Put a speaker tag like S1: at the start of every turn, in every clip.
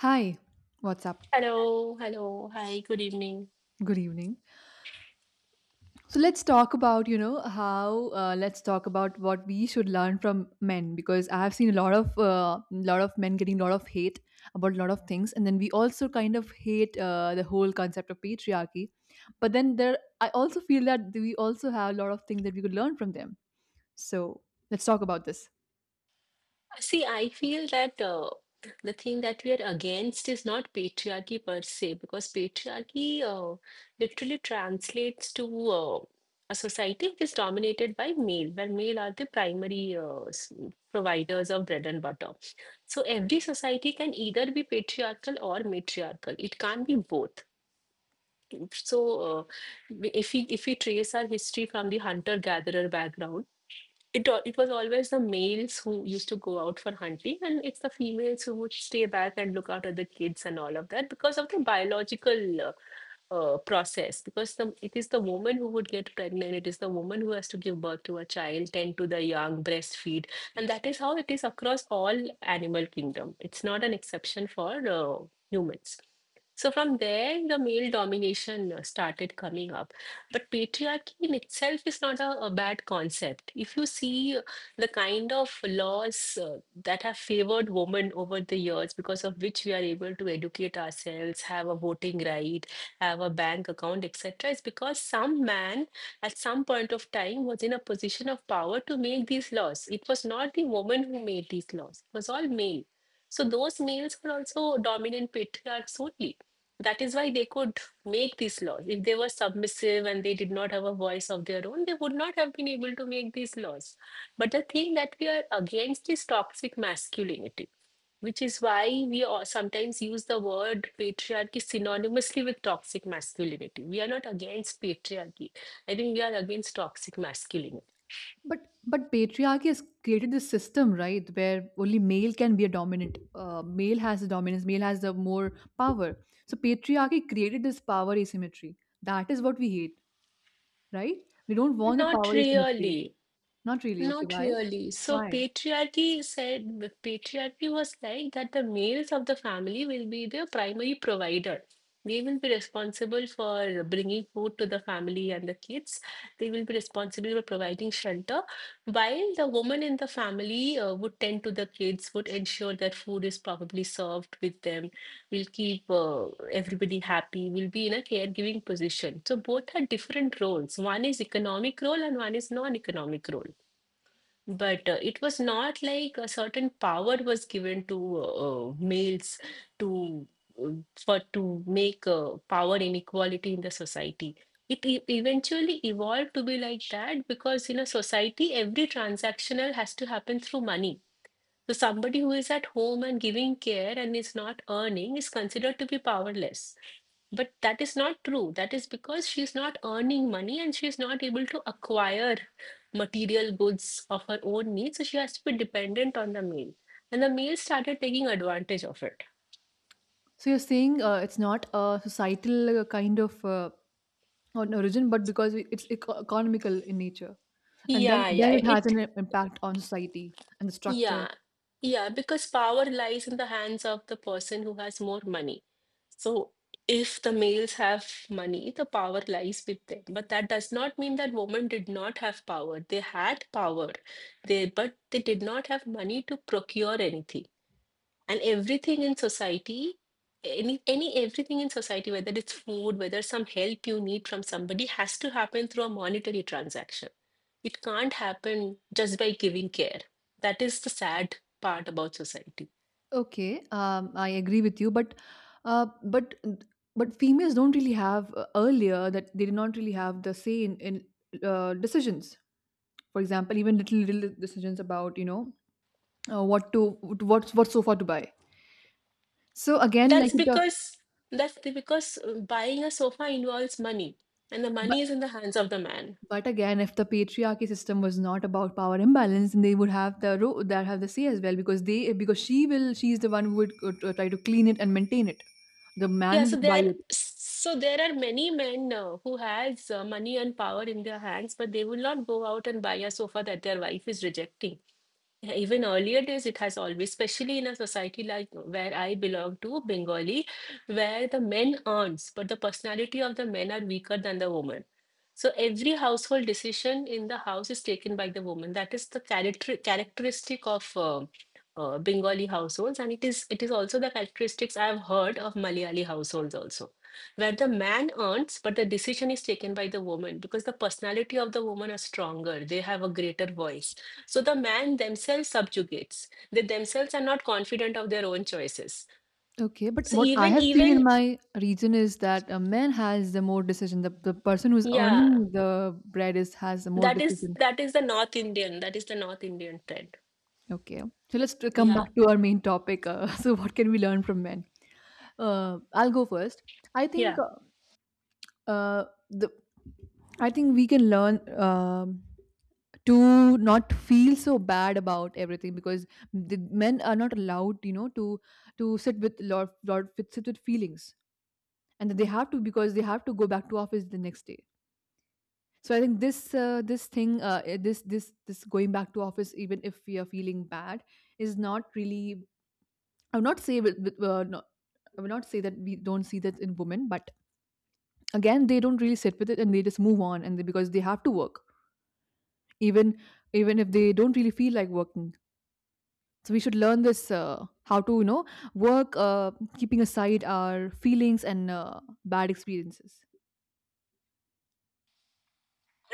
S1: Hi, what's up?
S2: Hello, hello, hi, good evening.
S1: Good evening. So let's talk about, how let's talk about what we should learn from men because I have seen a lot of men getting a lot of hate about a lot of things, and then we also kind of hate the whole concept of patriarchy. But then there, I also feel that we also have a lot of things that we could learn from them. So let's talk about this.
S2: See, I feel that the thing that we are against is not patriarchy per se, because patriarchy literally translates to a society which is dominated by male, where male are the primary providers of bread and butter. So every society can either be patriarchal or matriarchal. It can't be both. So uh, if we trace our history from the hunter-gatherer background it was always the males who used to go out for hunting, and it's the females who would stay back and look after the kids and all of that because of the biological process. It is the woman who would get pregnant, it is the woman who has to give birth to a child, tend to the young, breastfeed, and that is how it is across all animal kingdom. It's not an exception for humans. So from there, the male domination started coming up. But patriarchy in itself is not a bad concept. If you see the kind of laws that have favored women over the years, because of which we are able to educate ourselves, have a voting right, have a bank account, etc., is because some man at some point of time was in a position of power to make these laws. It was not the woman who made these laws, it was all male. So those males were also dominant patriarchs only. That is why they could make these laws. If they were submissive and they did not have a voice of their own, they would not have been able to make these laws. But the thing that we are against is toxic masculinity, which is why we sometimes use the word patriarchy synonymously with toxic masculinity. We are not against patriarchy. I think we are against toxic masculinity.
S1: But patriarchy has created this system, right, where only male can be a dominant. Male has the dominance. Male has the more power. So patriarchy created this power asymmetry. That is what we hate, right? We don't want the
S2: Not
S1: power asymmetry.
S2: really.
S1: Not really. Okay,
S2: Not
S1: why?
S2: really. So
S1: Why?
S2: patriarchy was like that the males of the family will be the primary provider. They will be responsible for bringing food to the family and the kids. They will be responsible for providing shelter, while the woman in the family would tend to the kids, would ensure that food is properly served with them, will keep everybody happy, will be in a caregiving position. So both are different roles. One is economic role and one is non-economic role. But it was not like a certain power was given to males to uh, for to make power inequality in the society. Eventually evolved to be like that because in a society, every transactional has to happen through money. So somebody who is at home and giving care and is not earning is considered to be powerless. But that is not true. That is because she's not earning money and she's not able to acquire material goods of her own needs. So she has to be dependent on the male. And the male started taking advantage of it.
S1: So you're saying it's not a societal kind of on origin, but because it's economical in nature, and then
S2: Yeah, yeah.
S1: then it has an impact on society and the structure.
S2: Yeah, yeah. Because power lies in the hands of the person who has more money. So if the males have money, the power lies with them. But that does not mean that women did not have power. They had power, but they did not have money to procure anything. And everything in society any everything in society, whether it's food, whether some help you need from somebody, has to happen through a monetary transaction. It can't happen just by giving care. That is the sad part about society.
S1: Okay, I agree with you, but Uh, but but females don't really have earlier that they did not really have the say in decisions. For example, even little decisions about what to what sofa to buy. So again,
S2: That's
S1: like the
S2: because that's the- Because buying a sofa involves money, and the
S1: but
S2: money is in the hands of the man.
S1: but again, if the patriarchy system was not about power imbalance, then they would have the that have the say as well because they because she will she's the one who would try to clean it and maintain it. The man will just buy it.
S2: So there are many men who has money and power in their hands, but they will not go out and buy a sofa that their wife is rejecting. Yeah. Even earlier days, especially in a society like where I belong to, Bengali, where the men earns, but the personality of the men are weaker than the woman. So every household decision in the house is taken by the woman. That is the characteristic of Bengali households, and it is also the characteristics I have heard of Malayali households also, where the man earns, but the decision is taken by the woman because the personality of the woman are stronger. They have a greater voice, so the man themselves subjugates. They themselves are not confident of their own choices.
S1: Okay, but
S2: So
S1: what I
S2: even
S1: have seen in
S2: even
S1: my region is that a man has the more decision. The person who's
S2: Yeah,
S1: earning the bread is has the more
S2: that is
S1: decision.
S2: the North Indian. That is the North Indian trend.
S1: Okay, so let's come
S2: Yeah.
S1: back to our main topic. So, what can we learn from men? I'll go first. I think
S2: Yeah.
S1: the I think we can learn to not feel so bad about everything because the men are not allowed, to sit with lot with sit with feelings, and that they have to because they have to go back to office the next day. So I think this this thing eh, this going back to office even if we are feeling bad is not really, I would not say with, no, I would not say that we don't see that in women, but again they don't really sit with it and they just move on, and they, because they have to work even even if they don't really feel like working. So we should learn this: how to work keeping aside our feelings and bad experiences.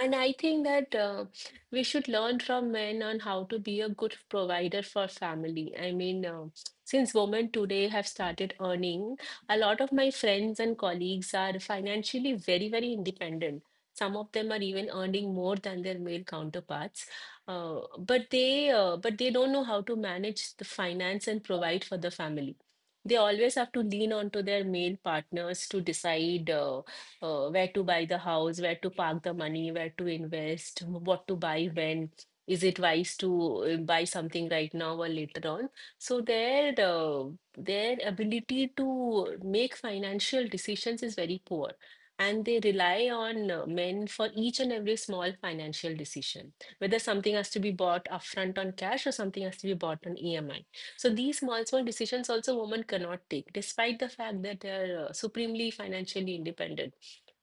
S2: And I think that we should learn from men on how to be a good provider for family. I mean, since women today have started earning, a lot of my friends and colleagues are financially very, very independent. Some of them are even earning more than their male counterparts, but they don't know how to manage the finance and provide for the family. They always have to lean onto their male partners to decide. Where to buy the house, where to park the money, where to invest, what to buy when. Is it wise to buy something right now or later on? So their ability to make financial decisions is very poor, and they rely on men for each and every small financial decision, whether something has to be bought upfront on cash or something has to be bought on EMI. So these small, small decisions also women cannot take, despite the fact that they are supremely financially independent,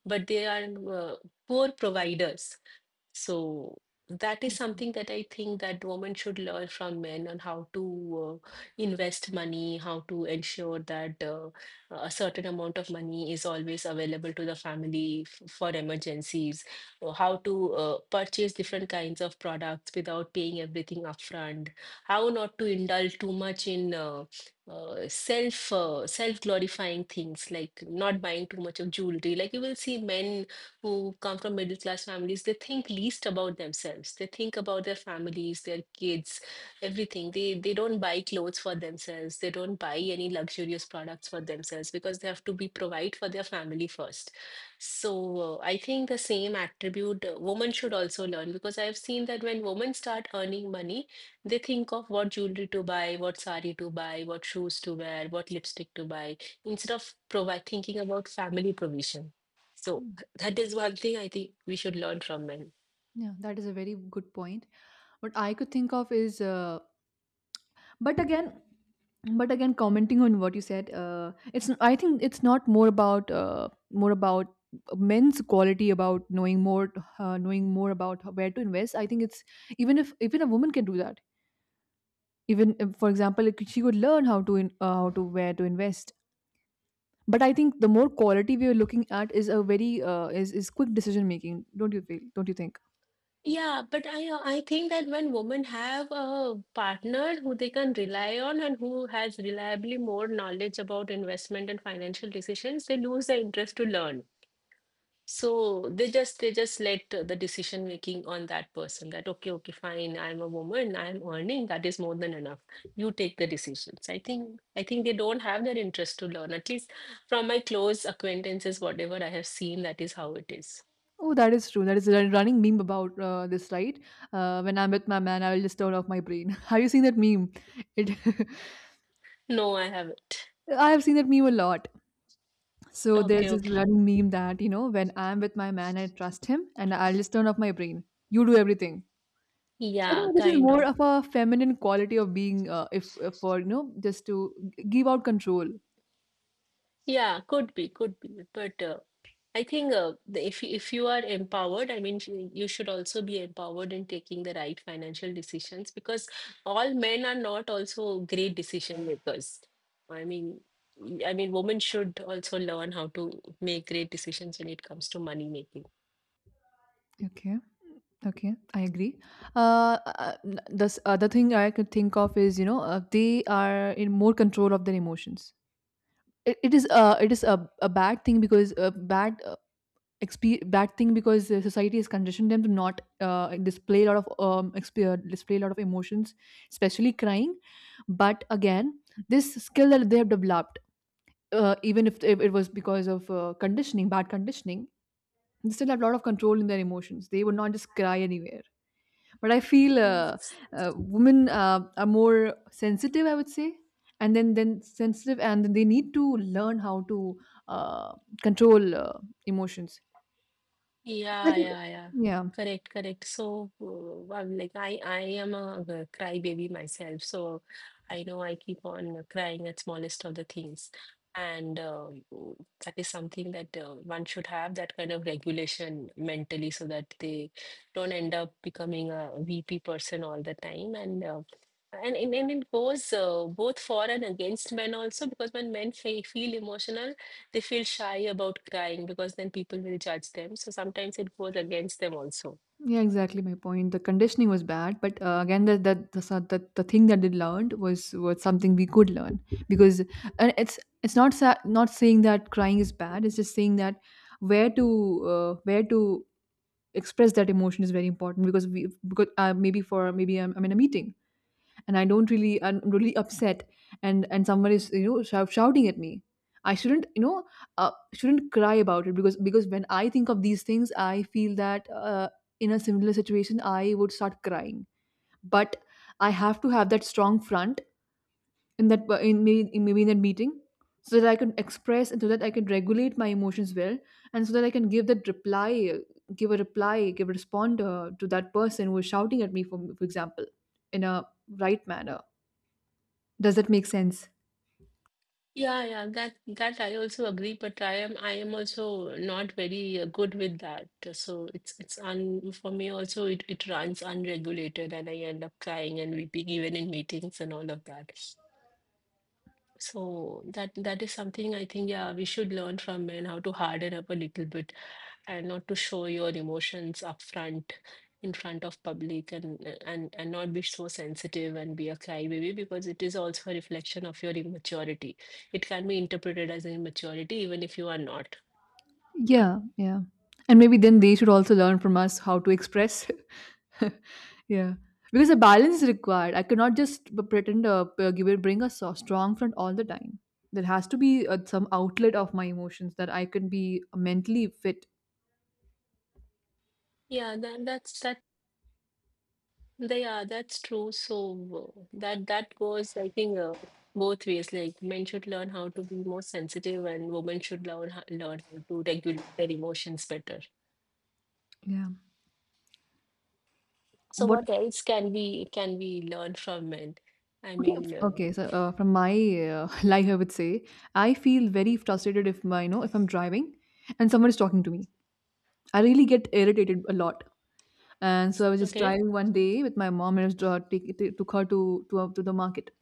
S2: but they are uh, poor providers. So that is something that I think that women should learn from men on how to invest money, how to ensure that a certain amount of money is always available to the family for emergencies, or how to purchase different kinds of products without paying everything upfront, how not to indulge too much in self glorifying things, like not buying too much of jewelry. Like you will see men who come from middle class families, they think least about themselves. They think about their families, their kids, everything. They don't buy clothes for themselves. They don't buy any luxurious products for themselves because they have to be provide for their family first. So I think the same attribute women should also learn, because I've seen that when women start earning money, they think of what jewelry to buy, what sari to buy, what shoes to wear, what lipstick to buy, instead of provide thinking about family provision. So
S1: Mm.
S2: that is one thing I think we should learn from men.
S1: Yeah, that is a very good point. What I could think of is, but again, commenting on what you said, it's I think it's not more about more about men's quality about knowing more about where to invest. I think it's even if even a woman can do that. Even if, for example, like, she could learn how to how to where to invest, but I think the more quality we are looking at is a very is quick decision making. Don't you think?
S2: Yeah, but I think that when women have a partner who they can rely on and who has reliably more knowledge about investment and financial decisions, they lose the interest to learn. So they just let the decision making on that person, that okay, okay, fine, I'm a woman, I'm earning, that is more than enough. You take the decisions. I think they don't have that interest to learn. At least from my close acquaintances, whatever I have seen, that is how it is.
S1: Oh, that is true. That is a running meme about this, right? Uh, when I'm with my man I will just turn off my brain. Have you seen that meme? It
S2: No, I haven't.
S1: I have seen that meme a lot. So
S2: Okay,
S1: there's this
S2: okay.
S1: running meme that you know when I'm with my man I trust him and I'll just turn off my brain. You do everything. So I
S2: Yeah,
S1: think this is
S2: kind
S1: more
S2: of.
S1: of a feminine quality of being, if for you know, just to give out control.
S2: Yeah, could be, could be. But if if you are empowered, I mean, you should also be empowered in taking the right financial decisions, because all men are not also great decision makers. I mean, I mean, women should also learn how to make great decisions when it comes to money making.
S1: Okay. Okay, I agree. The other thing I could think of is, you know, they are in more control of their emotions. It is a bad thing because a bad bad thing because society has conditioned them to not display a lot of display a lot of emotions, especially crying. But again, this skill that they have developed, even if it was because of conditioning, bad conditioning, they still have a lot of control in their emotions. They would not just cry anywhere, but I feel
S2: Mm.
S1: women are more sensitive, I would say, and then sensitive, and then they need to learn how to uh, control emotions.
S2: Yeah,
S1: Especially,
S2: yeah, yeah.
S1: yeah,
S2: Correct, correct. So, I'm like I am a crybaby myself. So, I know I keep on crying at smallest of the things, and that is something that one should have that kind of regulation mentally, so that they don't end up becoming a VP person all the time. And and it goes both for and against men also, because when men fe feel emotional they feel shy about crying because then people will judge them. So sometimes it goes against them also.
S1: yeah, exactly. My point. The conditioning was bad, but again, that the thing that they learned was something we could learn because — and it's not saying that crying is bad. It's just saying that where to where to express that emotion is very important because we because maybe I'm in a meeting, and I don't really I'm really upset, and someone is you know shouting at me. I shouldn't you know shouldn't cry about it because when I think of these things I feel that in a similar situation I would start crying, but I have to have that strong front in that in maybe, in maybe in that meeting so that I can express, and so that I can regulate my emotions well, and so that I can give that reply give a respond to that person who is shouting at me for example in a right manner. Does that make sense?
S2: Yeah, yeah, that I also agree, but I am also not very good with that. So it's un for me also it runs unregulated and I end up crying and weeping even in meetings and all of that. So that is something I think, yeah, we should learn from men, how to harden up a little bit and not to show your emotions up front, in front of public, and not be so sensitive and be a crybaby, because it is also a reflection of your immaturity. It can be interpreted as immaturity even if you are not.
S1: Yeah, yeah. And maybe then they should also learn from us how to express. Yeah. Because a balance is required. I cannot just pretend give it, bring a strong front all the time. There has to be some outlet of my emotions that I can be mentally fit.
S2: yeah that, that's that that's true. So that goes, I think, both ways. Like men should learn how to be more sensitive and women should learn learn how to regulate their emotions better.
S1: Yeah.
S2: So
S1: What?
S2: what else can we learn from men? I
S1: Okay.
S2: mean, uh,
S1: Okay. So from my life, I would say I feel very frustrated if my, you know, if I'm driving and someone is talking to me. I really get irritated a lot. And so I was just
S2: Okay.
S1: driving one day with my mom, and I was took her to to the market.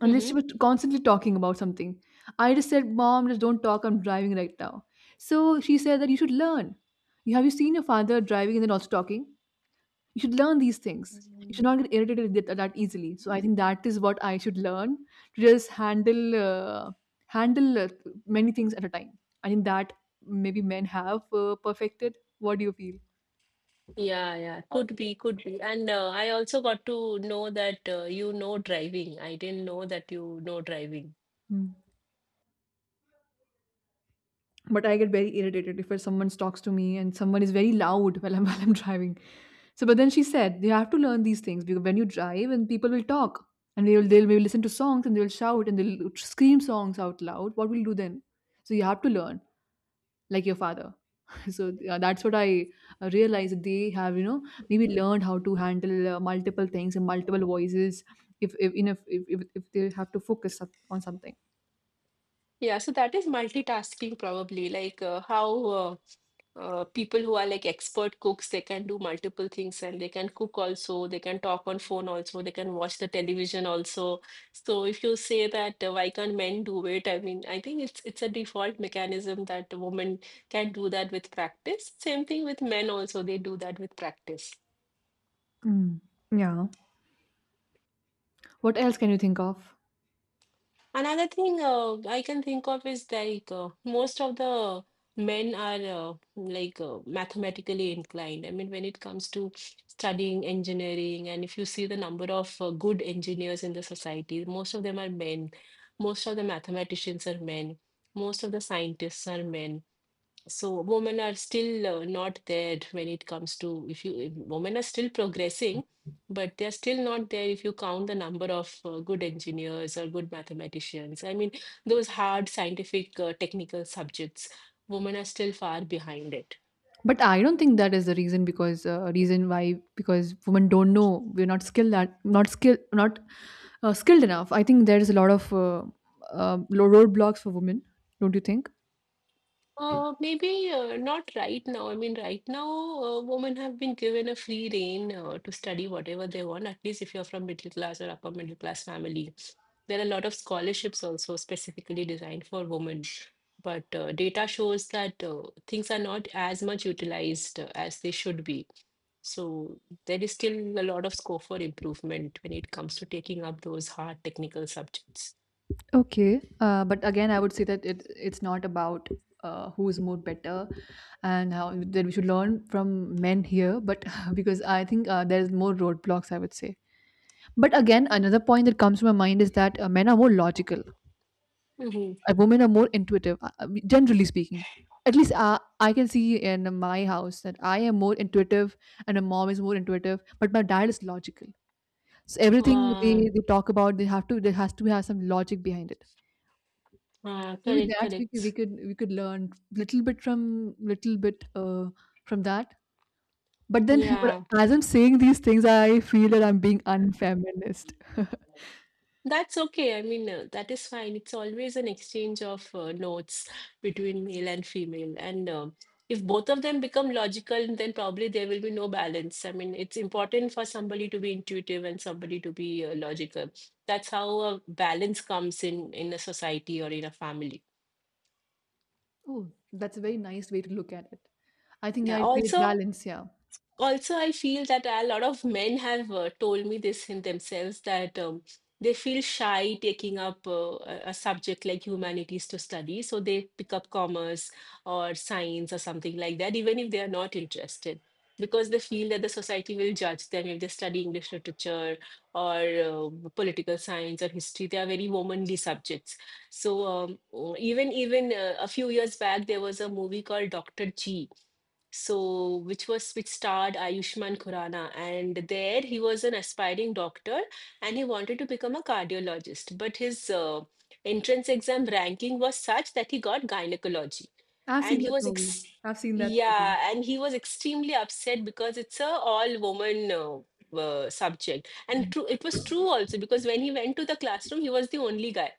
S1: And then
S2: Mm-hmm.
S1: she was constantly talking about something. I just said, "Mom, just don't talk. I'm driving right now." So she said that you should learn. You have you seen your father driving and then also talking? You should learn these things. You
S2: Mhm.
S1: should not get irritated with that easily. So I think that is what I should learn, to just handle handle many things at a time. I think that maybe men have perfected. What do you feel?
S2: Yeah, yeah. Could be, could be. And I also got to know that, you know, driving. I didn't know that, you know, driving.
S1: Hmm. But I get very irritated if someone talks to me and someone is very loud while I'm while I'm driving. So, but then she said you have to learn these things because when you drive and people will talk and they will they'll maybe listen to songs and they will shout and they'll scream songs out loud. What will you do then? So you have to learn like your father. So that's what I realized, that they have you know maybe learned how to handle multiple things and multiple voices if you know, if they have to focus up on something.
S2: Yeah, so that is multitasking probably, like how people who are like expert cooks, they can do multiple things, and they can cook also, they can talk on phone also, they can watch the television also. So if you say that, why can't men do it? I mean, I think it's a default mechanism that women can do that with practice. Same thing with men also, they do that with practice.
S1: Mm. Yeah. What else can you think of?
S2: Another thing I can think of is, like, most of the men are, mathematically inclined. I mean, when it comes to studying engineering, and if you see the number of good engineers in the society, most of them are men. Most of the mathematicians are men. Most of the scientists are men. So women are still not there when it comes to, if you, if women are still progressing, but they're still not there if you count the number of good engineers or good mathematicians. I mean, those hard scientific technical subjects, women are still far behind it.
S1: But I don't think that is the reason because reason why because women don't know we're not skilled at not skill not skilled enough. I think there is a lot of roadblocks for women, don't you think?
S2: Maybe not right now. I mean, right now, women have been given a free rein to study whatever they want, at least if you're from middle class or upper middle class family. There are a lot of scholarships also specifically designed for women. But data shows that things are not as much utilized as they should be. So there is still a lot of scope for improvement when it comes to taking up those hard technical subjects.
S1: Okay, but again, I would say that it it's not about who is more better and how that we should learn from men here, but because I think there is more roadblocks, I would say. But again, another point that comes to my mind is that men are more logical,
S2: Mm-hmm.
S1: women are more intuitive, generally speaking, at least I can see in my house that I am more intuitive and my mom is more intuitive, but my dad is logical. So everything
S2: Uh,
S1: they talk about they have to there has to have some logic behind it. So with
S2: Correct,
S1: that we could
S2: correct.
S1: we could learn little bit from that. But then, but
S2: Yeah.
S1: as I'm saying these things, I feel that I'm being unfeminist.
S2: That's okay. That is fine. It's always an exchange of notes between male and female. And if both of them become logical, then probably there will be no balance. I mean, it's important for somebody to be intuitive and somebody to be logical. That's how a balance comes in a society or in a family.
S1: Oh, that's a very nice way to look at it. I think yeah,
S2: Yeah.
S1: it creates
S2: Also,
S1: balance. Yeah.
S2: also I feel that a lot of men have told me this in themselves, that they feel shy taking up a subject like humanities to study, so they pick up commerce or science or something like that, even if they are not interested, because they feel that the society will judge them if they study English literature or political science or history. They are very womanly subjects. So, even a few years back, there was a movie called Dr. G, so which was, which starred Ayushmann Khurrana, and there he was an aspiring doctor, and he wanted to become a cardiologist, but his entrance exam ranking was such that he got gynecology.
S1: I've
S2: And
S1: seen
S2: he
S1: that
S2: was
S1: movie.
S2: ex-
S1: I've seen that movie.
S2: Yeah, and he was extremely upset because it's a all woman subject. And true, it was true also, because when he went to the classroom, he was the only guy.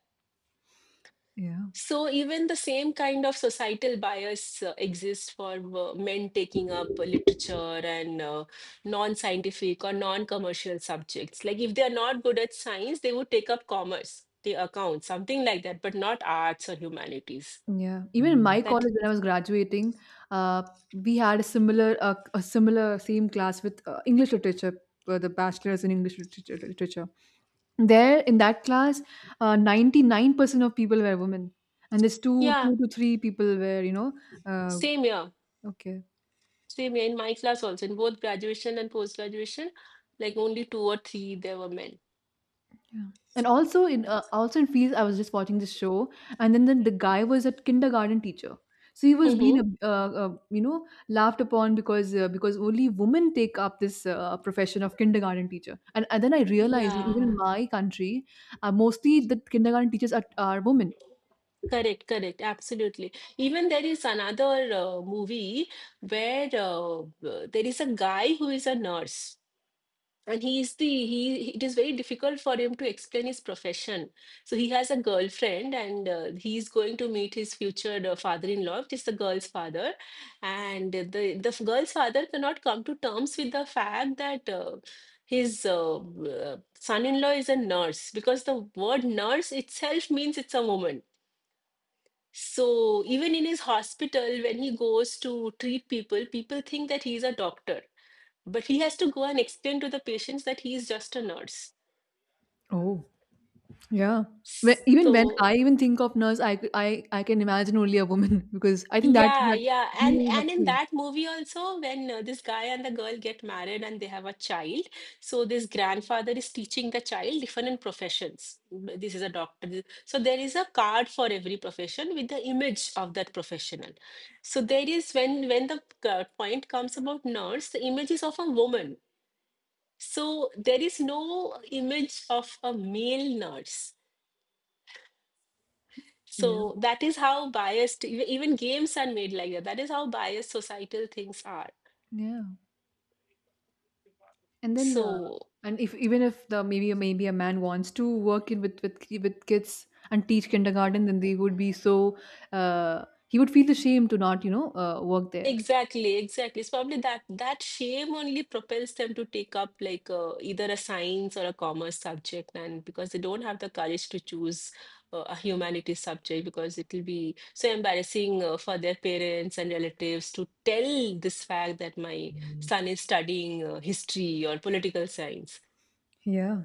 S1: Yeah.
S2: So even the same kind of societal bias exists for men taking up literature and non-scientific or non-commercial subjects. Like, if they are not good at science, they would take up commerce, the account, something like that, but not arts or humanities.
S1: Yeah, even in my
S2: That
S1: college when I was graduating, uh, we had a similar same class with English literature, the bachelor's in English literature. There in that class, 99% of people were women, and there's two,
S2: Yeah,
S1: two to three people were uh,
S2: same here,
S1: okay.
S2: same here in my class also, in both graduation and post graduation, like only two or three there were men.
S1: Yeah. And also in also in Fields, I was just watching this show, and then the guy was a kindergarten teacher. So he was being
S2: Mm-hmm.
S1: laughed upon because only women take up this profession of kindergarten teacher. And then I realized that even in
S2: Yeah.
S1: my country, mostly the kindergarten teachers are women.
S2: Correct, correct, absolutely. Even there is another movie where there is a guy who is a nurse, and he is the he. He- it is very difficult for him to explain his profession. So he has a girlfriend, and he is going to meet his future father-in-law, which is the girl's father. And the girl's father cannot come to terms with the fact that. His son-in-law is a nurse, because the word nurse itself means it's a woman. So even in his hospital, when he goes to treat people, people think that he's a doctor, but he has to go and explain to the patients that he is just a nurse.
S1: Oh, yeah. When, even when
S2: So
S1: I even think of nurse, I, c- I can imagine only a woman because I think that
S2: yeah,
S1: that
S2: yeah,
S1: we have
S2: and in
S1: seen.
S2: that movie also, when this guy and the girl get married and they have a child, so this grandfather is teaching the child different professions. This is a doctor. So there is a card for every profession with the image of that professional. So there is, when the point comes about nurse, the image is of a woman. So there is no image of a male nurse.
S1: Yeah.
S2: So that is how biased even games are made, like that. That is how biased societal things are.
S1: Yeah. And then,
S2: So
S1: and if even if the maybe a man wants to work in with with kids and teach kindergarten, then they would be so he would feel ashamed to not work there.
S2: exactly, exactly. It's probably that that shame only propels them to take up, like, either a science or a commerce subject, and because they don't have the courage to choose a humanities subject, because it will be so embarrassing for their parents and relatives to tell this fact that my son is studying history or political science.
S1: Yeah.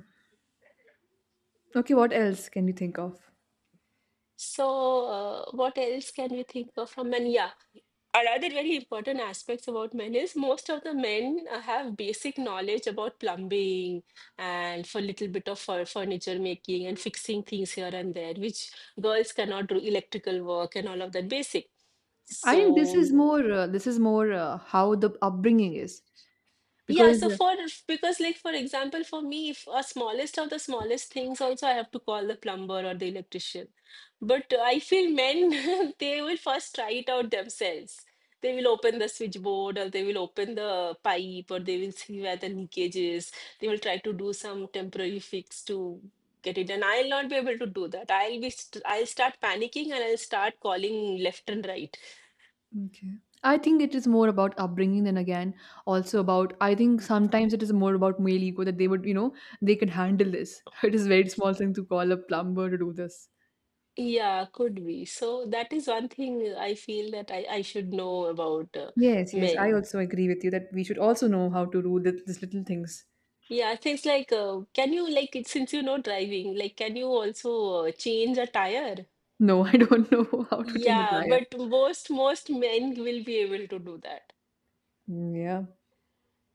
S1: Okay, what else can you think of?
S2: So, what else can we think of from men? Yeah, another very important aspects about men is most of the men have basic knowledge about plumbing and for little bit of furniture making and fixing things here and there, which girls cannot do. Electrical work and all of that basic.
S1: I think
S2: So
S1: this is more how the upbringing is
S2: yeah,
S1: because
S2: so for, because, like for example, for me, if a smallest of the smallest things also, I have to call the plumber or the electrician. But I feel men they will first try it out themselves. They will open the switchboard, or they will open the pipe, or they will see where the leakage is. They will try to do some temporary fix to get it. And I'll not be able to do that. I'll be st I'll start panicking, and I'll start calling left and right.
S1: okay. I think it is more about upbringing than again also about I think sometimes it is more about male ego that they would they can handle this. It is very small thing to call a plumber to do this.
S2: Yeah, could be. So that is one thing I feel that I should know about
S1: Yes, yes, I
S2: men.
S1: also agree with you that we should also know how to do these little things.
S2: Yeah, things like, can you, like, since you know driving, like, can you also change a tire?
S1: No, I don't know how to change a
S2: Yeah,
S1: tire.
S2: but most men will be able to do that.
S1: Mm, yeah.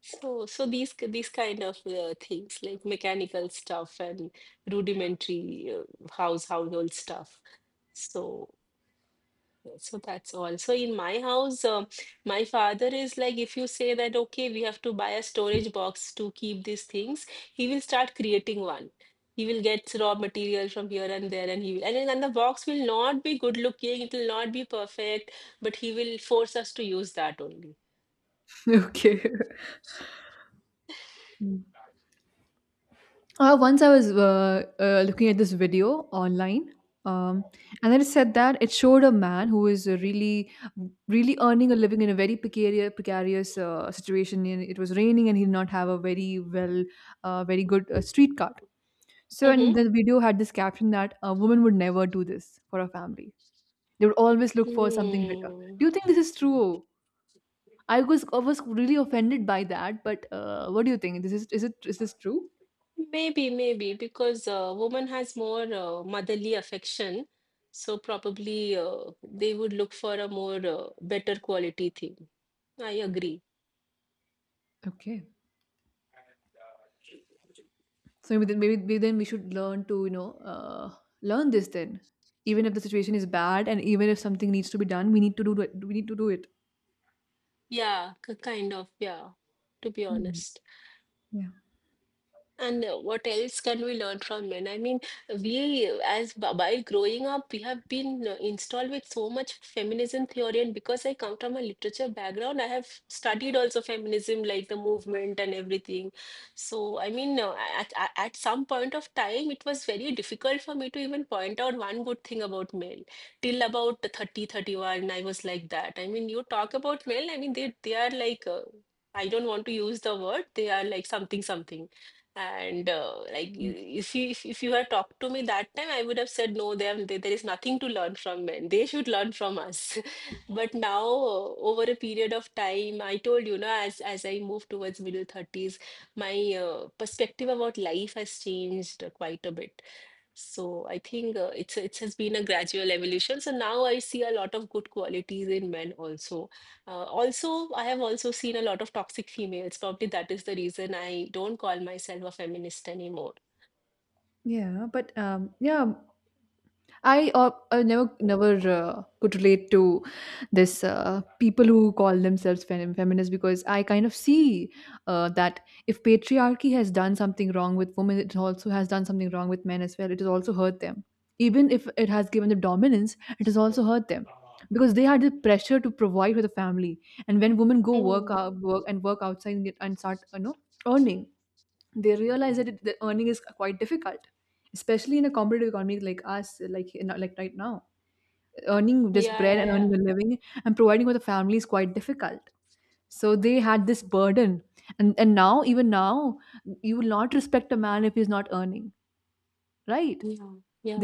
S2: So, so these these kind of things like mechanical stuff and rudimentary house household stuff. So. So that's all. So in my house, my father is like, if you say that, okay, we have to buy a storage box to keep these things, he will start creating one. He will get raw material from here and there, and he will, and the box will not be good looking, it will not be perfect, but he will force us to use that only.
S1: Okay. Mm. Once I was looking at this video online, um, and then it said that it showed a man who is really earning a living in a very precarious situation. And it was raining, and he did not have a very well, very good street card. So, and
S2: Mm-hmm.
S1: the video had this caption that a woman would never do this for a family. They would always look for something better.
S2: Hmm.
S1: Do you think this is true? I was really offended by that, but what do you think? This is it is this true?
S2: Maybe, maybe because woman has more motherly affection, so probably they would look for a more better quality thing. I agree.
S1: Okay. So maybe then we should learn to learn this then. Even if the situation is bad, and even if something needs to be done, we need to do it. We need to do it.
S2: Yeah, kind of. Yeah, to be
S1: Hmm.
S2: honest.
S1: Yeah.
S2: And what else can we learn from men? I mean, we, as by growing up, we have been installed with so much feminism theory. And because I come from a literature background, I have studied also feminism, like the movement and everything. So, I mean, at some point of time, it was very difficult for me to even point out one good thing about men. Till about 30, 31, I was like that. I mean, you talk about men, I mean, they are like, I don't want to use the word, they are like something, something. And like, if you, if you had talked to me that time, I would have said no. There is nothing to learn from men. They should learn from us. But now, over a period of time, I told you, know, as I move towards middle thirties, my perspective about life has changed quite a bit. So I think it has been a gradual evolution. So now I see a lot of good qualities in men also. Also, I have also seen a lot of toxic females. Probably that is the reason I don't call myself a feminist anymore.
S1: Yeah, but I never could relate to this people who call themselves feminists because I kind of see that if patriarchy has done something wrong with women, it also has done something wrong with men as well. It has also hurt them. Even if it has given them dominance, it has also hurt them because they had the pressure to provide for the family. And when women go work
S2: Mm.
S1: out, work and work outside and, get, and start earning, they realize that it, the earning is quite difficult especially in a competitive economy like us like like right now earning just
S2: Yeah,
S1: bread and
S2: yeah,
S1: earning a living and providing for the family is quite difficult, so they had this burden, and now even now you will not respect a man if he's not earning, right?
S2: yeah, yeah,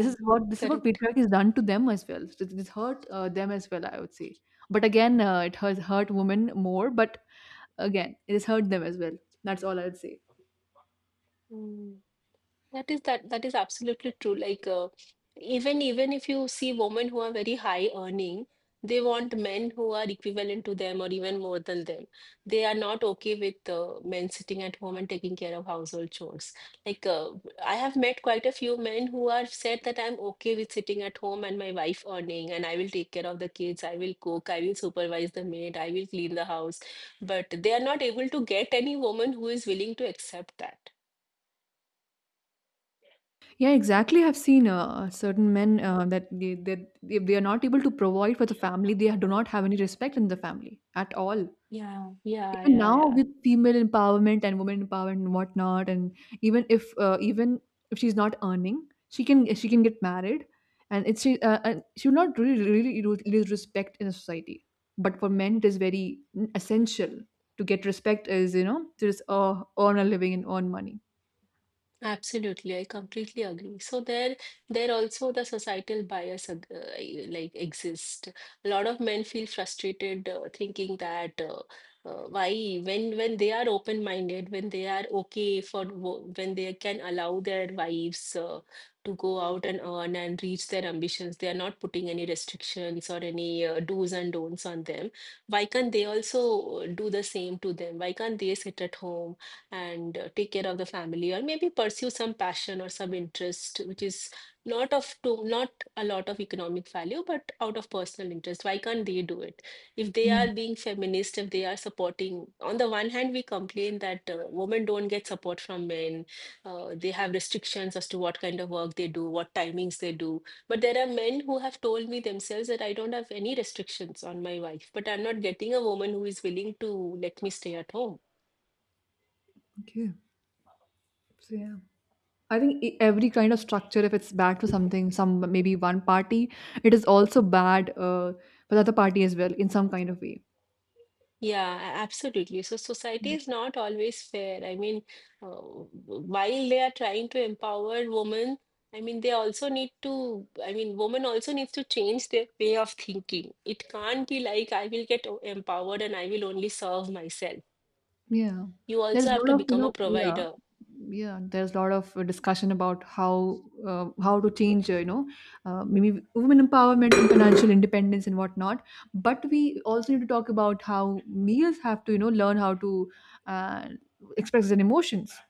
S1: This is what
S2: Correct.
S1: patriarchy has done to them as well. So it's hurt them as well, I would say. But again, it has hurt women more, but again it has hurt them as well. That's all I would say.
S2: Mm. That is absolutely true. Like, even if you see women who are very high earning, they want men who are equivalent to them or even more than them. They are not okay with men sitting at home and taking care of household chores. Like, I have met quite a few men who are said that I'm okay with sitting at home and my wife earning, and I will take care of the kids, I will cook, I will supervise the maid, I will clean the house. But they are not able to get any woman who is willing to accept that.
S1: Yeah, exactly. I've seen certain men they if they are not able to provide for the family, they do not have any respect in the family at all.
S2: Yeah, yeah,
S1: Even
S2: yeah,
S1: now
S2: yeah.
S1: with female empowerment and women empowerment and whatnot, and even if she's not earning, she can get married, and it's she and she will not really lose respect in a society. But for men, it is very essential to get respect is to just earn a living and earn money.
S2: Absolutely, I completely agree. So there also the societal bias like exist. A lot of men feel frustrated, thinking that why, when they are open-minded, when they are okay for when they can allow their wives to go out and earn and reach their ambitions, they are not putting any restrictions or any do's and don'ts on them. Why can't they also do the same to them? Why can't they sit at home and take care of the family, or maybe pursue some passion or some interest which is not a lot of economic value, but out of personal interest? Why can't they do it if they are being feminist, if they are supporting? On the one hand, we complain that women don't get support from men, they have restrictions as to what kind of work they do, what timings they do, but there are men who have told me themselves that I don't have any restrictions on my wife, but I'm not getting a woman who is willing to let me stay at home.
S1: Okay. So yeah, I think every kind of structure, if it's bad for something, some maybe one party, it is also bad for the other party as well in some kind of way.
S2: Yeah, absolutely. So society
S1: Yeah.
S2: is not always fair. I mean, while they are trying to empower women, I mean, they also need to, I mean, women also needs to change their way of thinking. It can't be like, I will get empowered and I will only serve myself.
S1: Yeah.
S2: You also
S1: There's a
S2: have to
S1: lot of
S2: become a provider.
S1: there's a lot of discussion about how to change maybe women empowerment and financial independence and whatnot, but we also need to talk about how males have to learn how to uh, express their emotions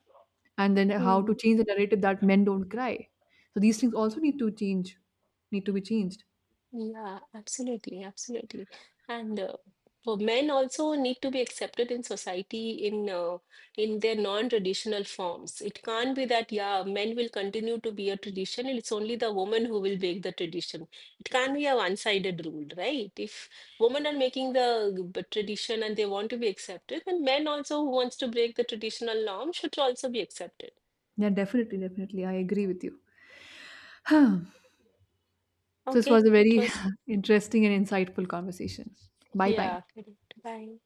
S1: and then how to change the narrative that men don't cry. So these things also need to change, need to be changed.
S2: Yeah, absolutely, absolutely. And for men also need to be accepted in society in their non-traditional forms. It can't be that, yeah, men will continue to be a tradition. It's only the woman who will break the tradition. It can't be a one-sided rule, right? If women are making the tradition and they want to be accepted, then men also who wants to break the traditional norm should also be accepted.
S1: Yeah, definitely, definitely. I agree with you. So this was
S2: Okay,
S1: a
S2: it
S1: very
S2: was,
S1: interesting and insightful conversation. Bye bye.
S2: yeah, correct. Bye.